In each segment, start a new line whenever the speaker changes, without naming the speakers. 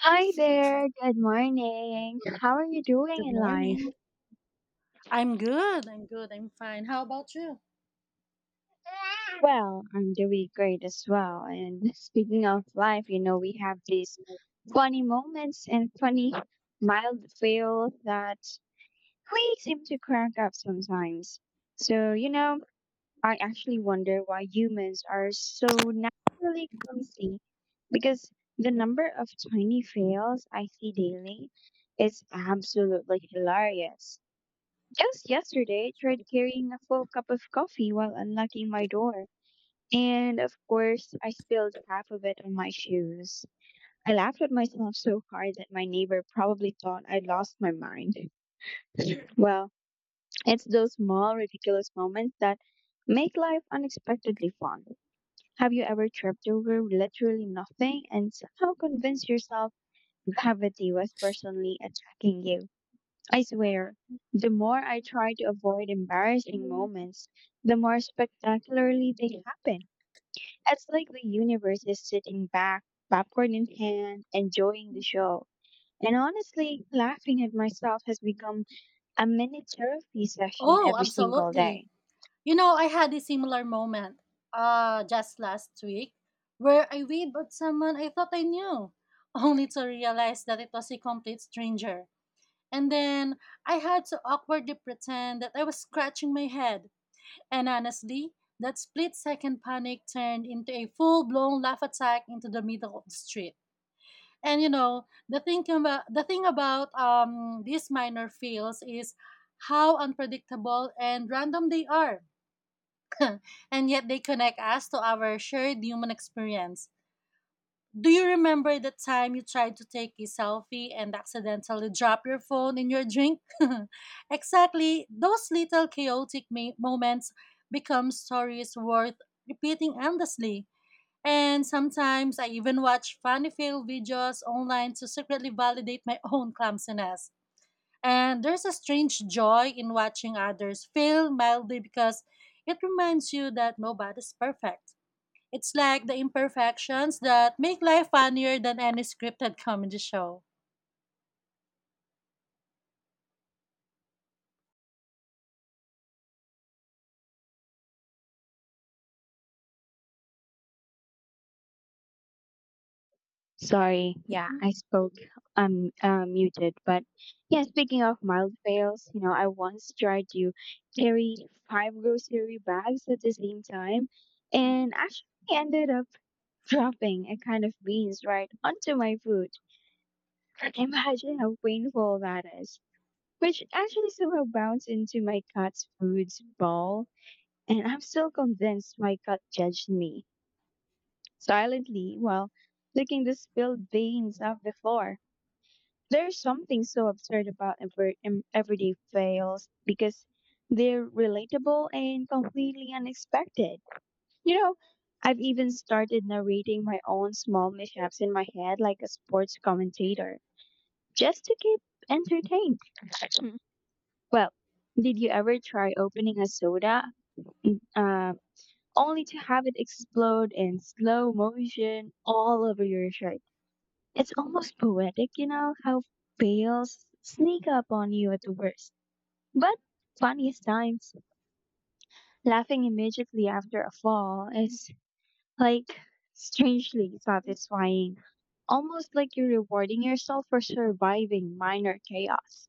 Hi there, good morning. How are you doing
Good
in life?
morning. I'm good. I'm fine. How about you?
Well, I'm doing great as well. And speaking of life, you know, we have these funny moments and funny mild fail that we seem to crack up sometimes. So, you know, I actually wonder why humans are so naturally clumsy because the number of tiny fails I see daily is absolutely hilarious. Just yesterday, I tried carrying a full cup of coffee while unlocking my door. And of course, I spilled half of it on my shoes. I laughed at myself so hard that my neighbor probably thought I'd lost my mind. Well, it's those small, ridiculous moments that make life unexpectedly fun. Have you ever tripped over literally nothing and somehow convinced yourself gravity was personally attacking you? I swear, the more I try to avoid embarrassing
Mhm.
moments, the more spectacularly they happen. It's like the universe is sitting back, popcorn in hand, enjoying the show. And honestly, laughing at myself has become a mini therapy session
Oh,
every single
absolutely.
day.
You know, I had a similar moment just last week where I waved at someone I thought I knew, only to realize that it was a complete stranger. And then I had to awkwardly pretend that I was scratching my head. And honestly, that split second panic turned into a full blown laugh attack into the middle of the street. And you know, the thing about these minor fields is how unpredictable and random they are, and yet they connect us to our shared human experience. Do you remember the time you tried to take a selfie and accidentally dropped your phone in your drink? Exactly, those little moments become stories worth repeating endlessly. And sometimes I even watch funny fail videos online to secretly validate my own clumsiness. And there's a strange joy in watching others fail mildly because it reminds you that nobody's perfect. It's like the imperfections that make life funnier than any scripted comedy show.
Sorry, yeah,
Hmm.
I spoke muted, but yeah. Speaking of mild fails, you know, I once tried to carry five grocery bags at the same time, and actually ended up dropping a kind of beans right onto my food. Imagine how painful that is. Which actually somehow bounced into my cat's food's bowl, and I'm still convinced my cat judged me silently while licking the spilled beans off the floor. There's something so absurd about everyday fails because they're relatable and completely unexpected. You know, I've even started narrating my own small mishaps in my head like a sports commentator just to keep entertained. Mm. Well, did you ever try opening a soda mm, uh, only to have it explode in slow motion all over your shirt? It's almost poetic, you know, how fails sneak up on you at the worst, but funniest times. Laughing immediately after a fall is like strangely satisfying, almost like you're rewarding yourself for surviving minor chaos.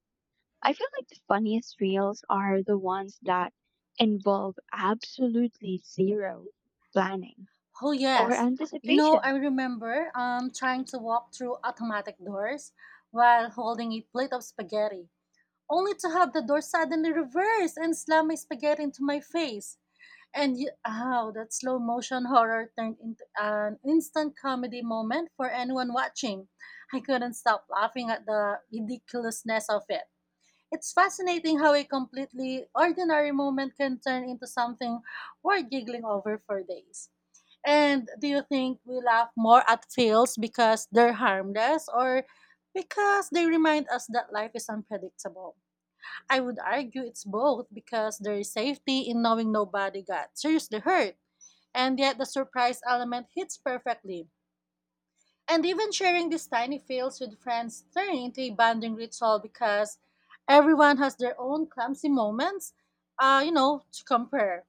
I feel like the funniest reels are the ones that involve absolutely zero planning
Oh
or
yes. You know, I
anticipation.
remember trying to walk through automatic doors while holding a plate of spaghetti, only to have the door suddenly reverse and slam my spaghetti into my face. And you, ow, that slow motion horror turned into an instant comedy moment for anyone watching. I couldn't stop laughing at the ridiculousness of it. It's fascinating how a completely ordinary moment can turn into something worth giggling over for days. And do you think we laugh more at fails because they're harmless, or because they remind us that life is unpredictable? I would argue it's both, because there is safety in knowing nobody got seriously hurt, and yet the surprise element hits perfectly. And even sharing these tiny fails with friends turn into a bonding ritual because everyone has their own clumsy moments, you know, to compare.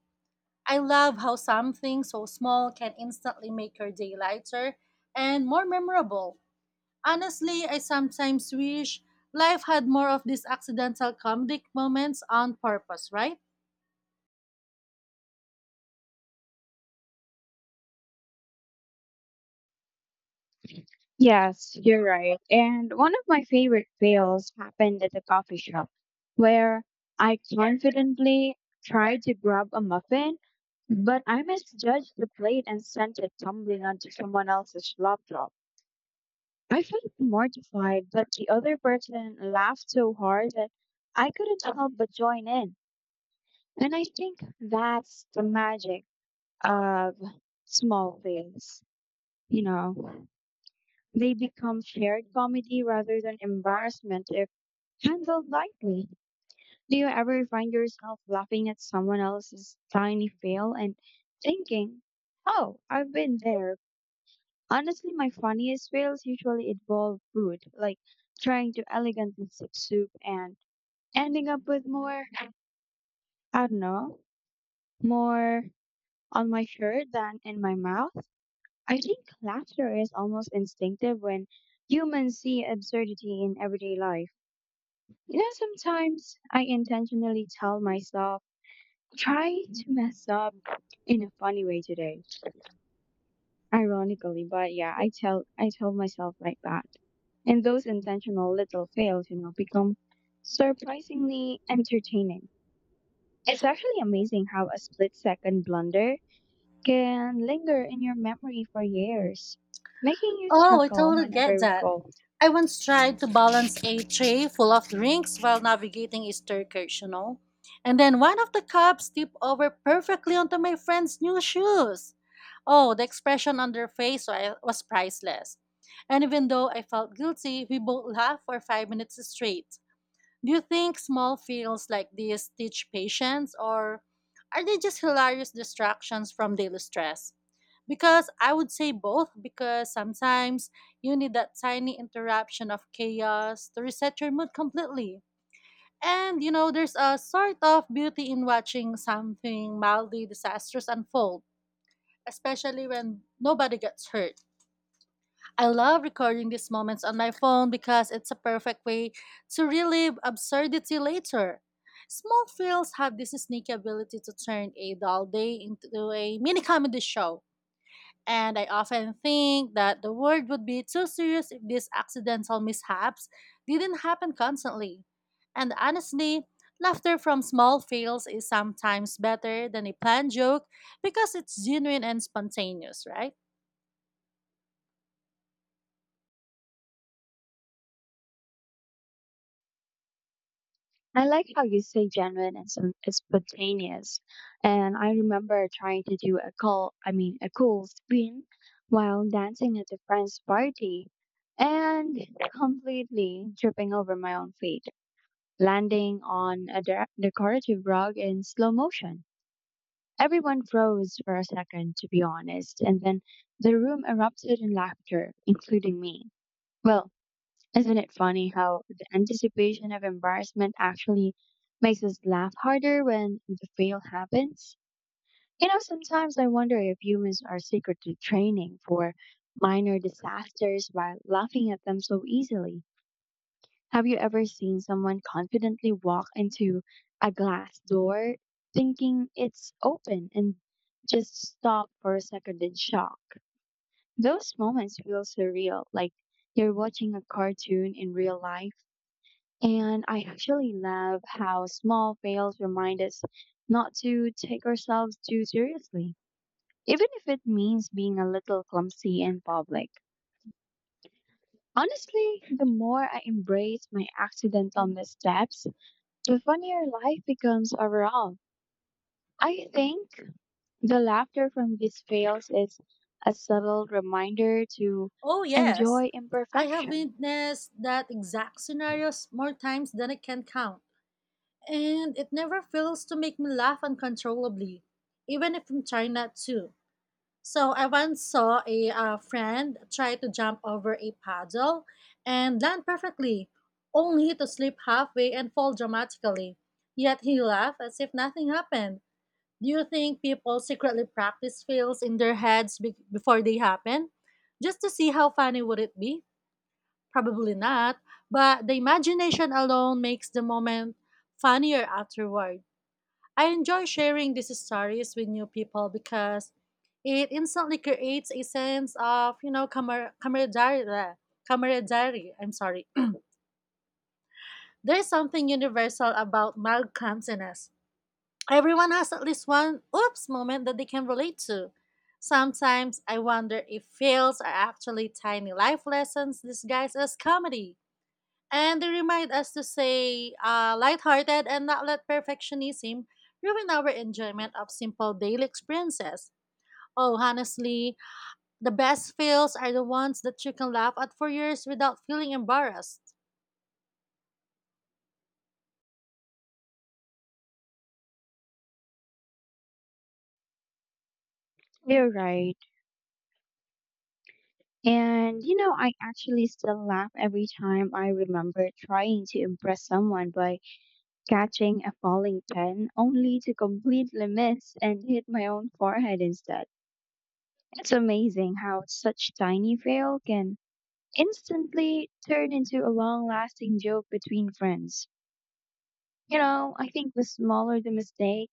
I love how something so small can instantly make your day lighter and more memorable. Honestly, I sometimes wish life had more of these accidental comedic moments on purpose, right?
Yes, you're right. And one of my favorite fails happened at a coffee shop where I confidently tried to grab a muffin, but I misjudged the plate and sent it tumbling onto someone else's laptop. I felt mortified, but the other person laughed so hard that I couldn't help but join in. And I think that's the magic of small fails, you know. They become shared comedy rather than embarrassment if handled lightly. Do you ever find yourself laughing at someone else's tiny fail and thinking, oh, I've been there? Honestly, my funniest fails usually involve food, like trying to elegantly sip soup and ending up with more, I don't know, more on my shirt than in my mouth. I think laughter is almost instinctive when humans see absurdity in everyday life. You know, sometimes I intentionally tell myself, try to mess up in a funny way today. Ironically, but yeah, I tell myself like that. And those intentional little fails, you know, become surprisingly entertaining. It's actually amazing how a split second blunder can linger in your memory for years, making you
Oh, I
chuckle
totally get
whenever
that.
recalled.
I once tried to balance a tray full of drinks while navigating a staircase, you know? And then one of the cups tipped over perfectly onto my friend's new shoes. Oh, the expression on their was priceless. And even though I felt guilty, we both laughed for 5 minutes straight. Do you think small fails like these teach patience, or are they just hilarious distractions from daily stress? Because I would say both, because sometimes you need that tiny interruption of chaos to reset your mood completely. And you know, there's a sort of beauty in watching something mildly disastrous unfold, especially when nobody gets hurt. I love recording these moments on my phone because it's a perfect way to relive absurdity later. Small films have this sneaky ability to turn a dull day into a mini comedy show. And I often think that the world would be too serious if these accidental mishaps didn't happen constantly. And honestly, laughter from small fails is sometimes better than a planned joke because it's genuine and spontaneous, right?
I like how you say genuine and some it's spontaneous. And I remember trying to do a cool, I mean, a cool spin while dancing at a friend's party and completely tripping over my own feet, landing on a decorative rug in slow motion. Everyone froze for a second, to be honest, and then the room erupted in laughter, including me. Well, isn't it funny how the anticipation of embarrassment actually makes us laugh harder when the fail happens? You know, sometimes I wonder if humans are secretly training for minor disasters by laughing at them so easily. Have you ever seen someone confidently walk into a glass door thinking it's open and just stop for a second in shock? Those moments feel surreal, like you're watching a cartoon in real life. And I actually love how small fails remind us not to take ourselves too seriously, even if it means being a little clumsy in public. Honestly, the more I embrace my accidental missteps, the funnier life becomes overall. I think the laughter from these fails is a subtle reminder to
Oh, yes.
enjoy
I have
imperfection.
witnessed that exact scenarios more times than I can count. And it never fails to make me laugh uncontrollably, even if I'm trying not to. So I once saw a friend try to jump over a puddle and land perfectly, only to slip halfway and fall dramatically. Yet he laughed as if nothing happened. Do you think people secretly practice fails in their before they happen? Just to see how funny would it be? Probably not, but the imagination alone makes the moment funnier afterward. I enjoy sharing these stories with new people because it instantly creates a sense of, you know, camaraderie. Camaraderie, I'm sorry. There's something universal about mild clumsiness. Everyone has at least one oops moment that they can relate to. Sometimes I wonder if fails are actually tiny life lessons disguised as comedy. And they remind us to stay lighthearted and not let perfectionism ruin our enjoyment of simple daily experiences. Oh, honestly, the best fails are the ones that you can laugh at for years without feeling embarrassed.
You're right. And you know, I actually still laugh every time I remember trying to impress someone by catching a falling pen only to completely miss and hit my own forehead instead. It's amazing how such tiny fail can instantly turn into a long-lasting joke between friends. You know, I think the smaller the mistake,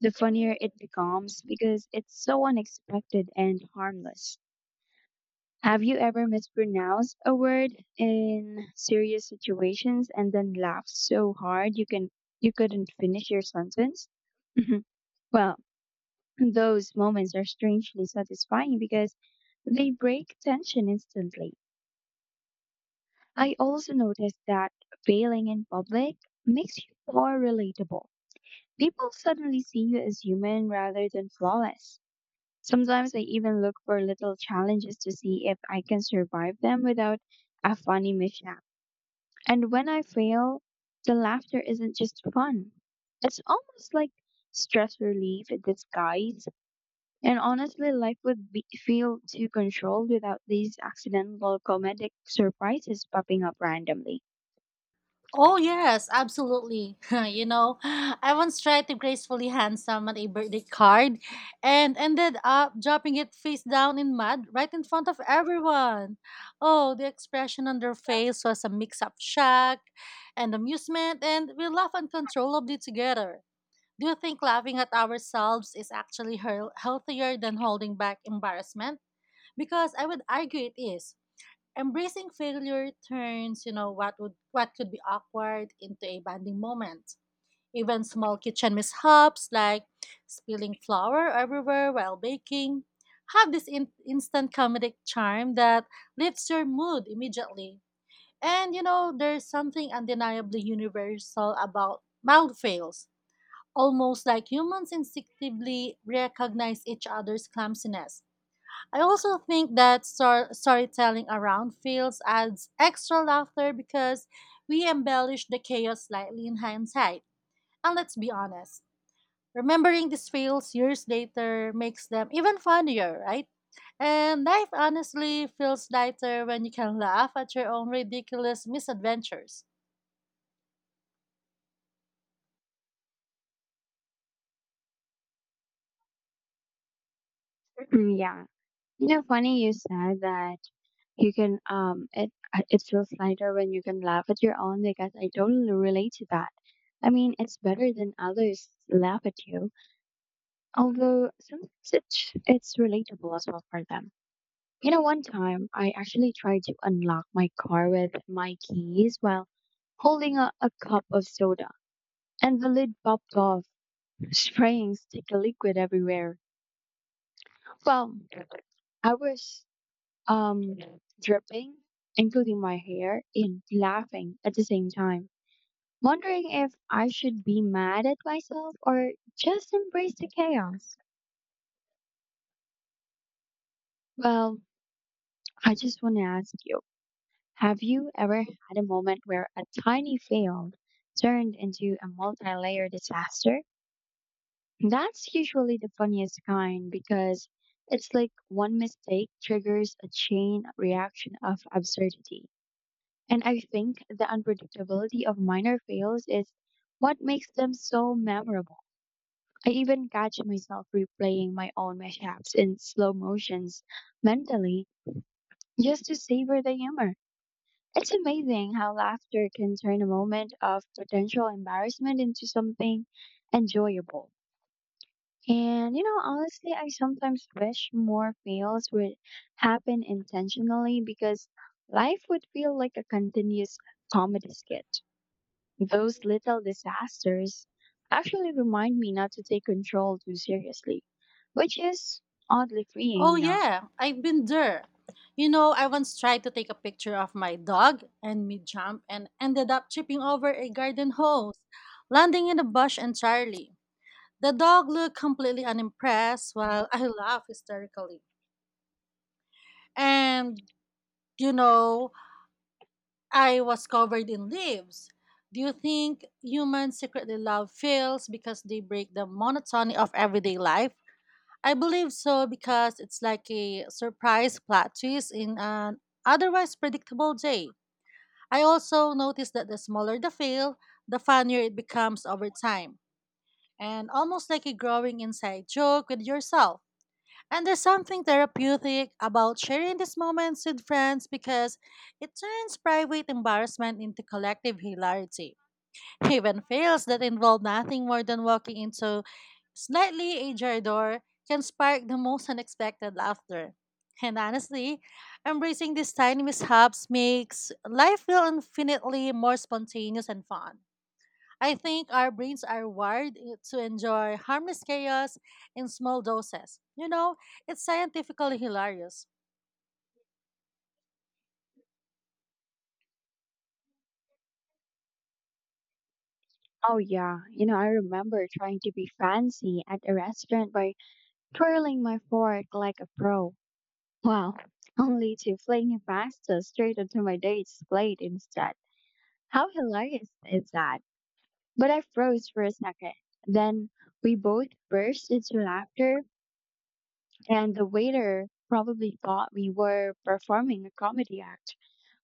the funnier it becomes because it's so unexpected and harmless. Have you ever mispronounced a word in serious situations and then laughed so hard you couldn't finish your sentence? Mhm. Well, those moments are strangely satisfying because they break tension instantly. I also noticed that failing in public makes you more relatable. People suddenly see you as human rather than flawless. Sometimes I even look for little challenges to see if I can survive them without a funny mishap. And when I fail, the laughter isn't just fun. It's almost like stress relief in disguise. And honestly, life would be, feel too controlled without these accidental comedic surprises popping up randomly.
Oh yes, absolutely. You know, I once tried to gracefully hand someone a birthday card and ended up dropping it face down in mud right in front of everyone. Oh, the expression on their face was a mix of shock and amusement, and we laughed uncontrollably together. Do you think laughing at ourselves is actually healthier than holding back embarrassment? Because I would argue it is. Embracing failure turns, you know, what could be awkward into a bonding moment. Even small kitchen mishaps like spilling flour everywhere while baking have this instant comedic charm that lifts your mood immediately. And you know, there's something undeniably universal about mild fails, almost like humans instinctively recognize each other's clumsiness. I also think that storytelling around fields adds extra laughter because we embellish the chaos slightly in hindsight. And let's be honest, remembering these fields years later makes them even funnier, right? And life honestly feels lighter when you can laugh at your own ridiculous misadventures.
Mm, yeah. You know, funny you said that you can it it feels lighter when you can laugh at your own because I totally relate to that. I mean, it's better than others laugh at you, although sometimes it's relatable as well for them. You know, one time I actually tried to unlock my car with my keys while holding a cup of soda, and the lid popped off, spraying sticky liquid everywhere. Well, I was um dripping, including my hair, and laughing at the same time, wondering if I should be mad at myself or just embrace the chaos. Well, I just want to ask you. Have you ever had a moment where a tiny fail turned into a multi layer disaster? That's usually the funniest kind because it's like one mistake triggers a chain reaction of absurdity. And I think the unpredictability of minor fails is what makes them so memorable. I even catch myself replaying my own mishaps in slow motions mentally just to savor the humor. It's amazing how laughter can turn a moment of potential embarrassment into something enjoyable. And you know, honestly, I sometimes wish more fails would happen intentionally because life would feel like a continuous comedy skit. Those little disasters actually remind me not to take control too seriously, which is oddly freeing,
Oh
you know.
yeah, I've been there. You know, I once tried to take a picture of my dog and me jump, and ended up tripping over a garden hose, landing in a bush entirely. The dog looked completely unimpressed while I laughed hysterically. And you know, I was covered in leaves. Do you think humans secretly love fails because they break the monotony of everyday life? I believe so, because it's like a surprise plot twist in an otherwise predictable day. I also noticed that the smaller the fail, the funnier it becomes over time, and almost like a growing inside joke with yourself. And there's something therapeutic about sharing these moments with friends because it turns private embarrassment into collective hilarity. Even fails that involve nothing more than walking into slightly ajar door can spark the most unexpected laughter. And honestly, embracing these tiny mishaps makes life feel infinitely more spontaneous and fun. I think our brains are to enjoy harmless chaos in small doses. You know, it's scientifically hilarious.
Oh, yeah, you know, I remember trying to be fancy at a restaurant by twirling my fork like a pro. Wow, only to fling a pasta straight onto my date's plate instead. How hilarious is that? But I froze for a second. Then we both burst into laughter, and the waiter probably thought we were performing a comedy act.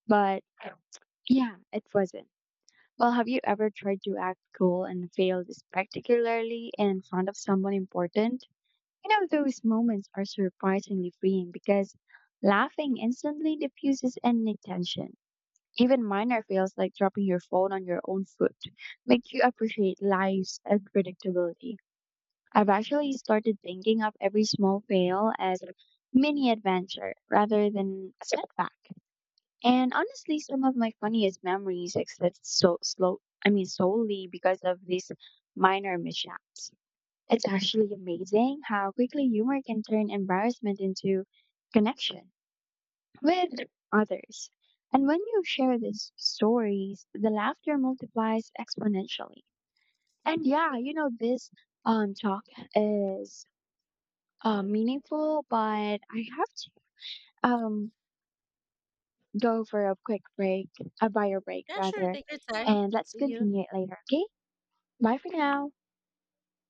But yeah, it wasn't. Well, have you ever tried to act cool and failed spectacularly in front of someone important? You know, those moments are surprisingly freeing because laughing instantly diffuses any tension. Even minor feels like dropping your phone on your own foot, make you appreciate life's unpredictability. I've actually started thinking of every small fail as a mini adventure rather than a setback. And honestly, some of my funniest memories exist solely because of these minor mishaps. It's actually amazing how quickly humor can turn embarrassment into connection with others. And when you share these stories, the laughter multiplies exponentially. And yeah, you know, this talk is meaningful, but I have to um, go for a quick break, a bio break
Yeah, sure.
rather,
Take your time.
and let's
See you.
continue it later, okay? Bye for now.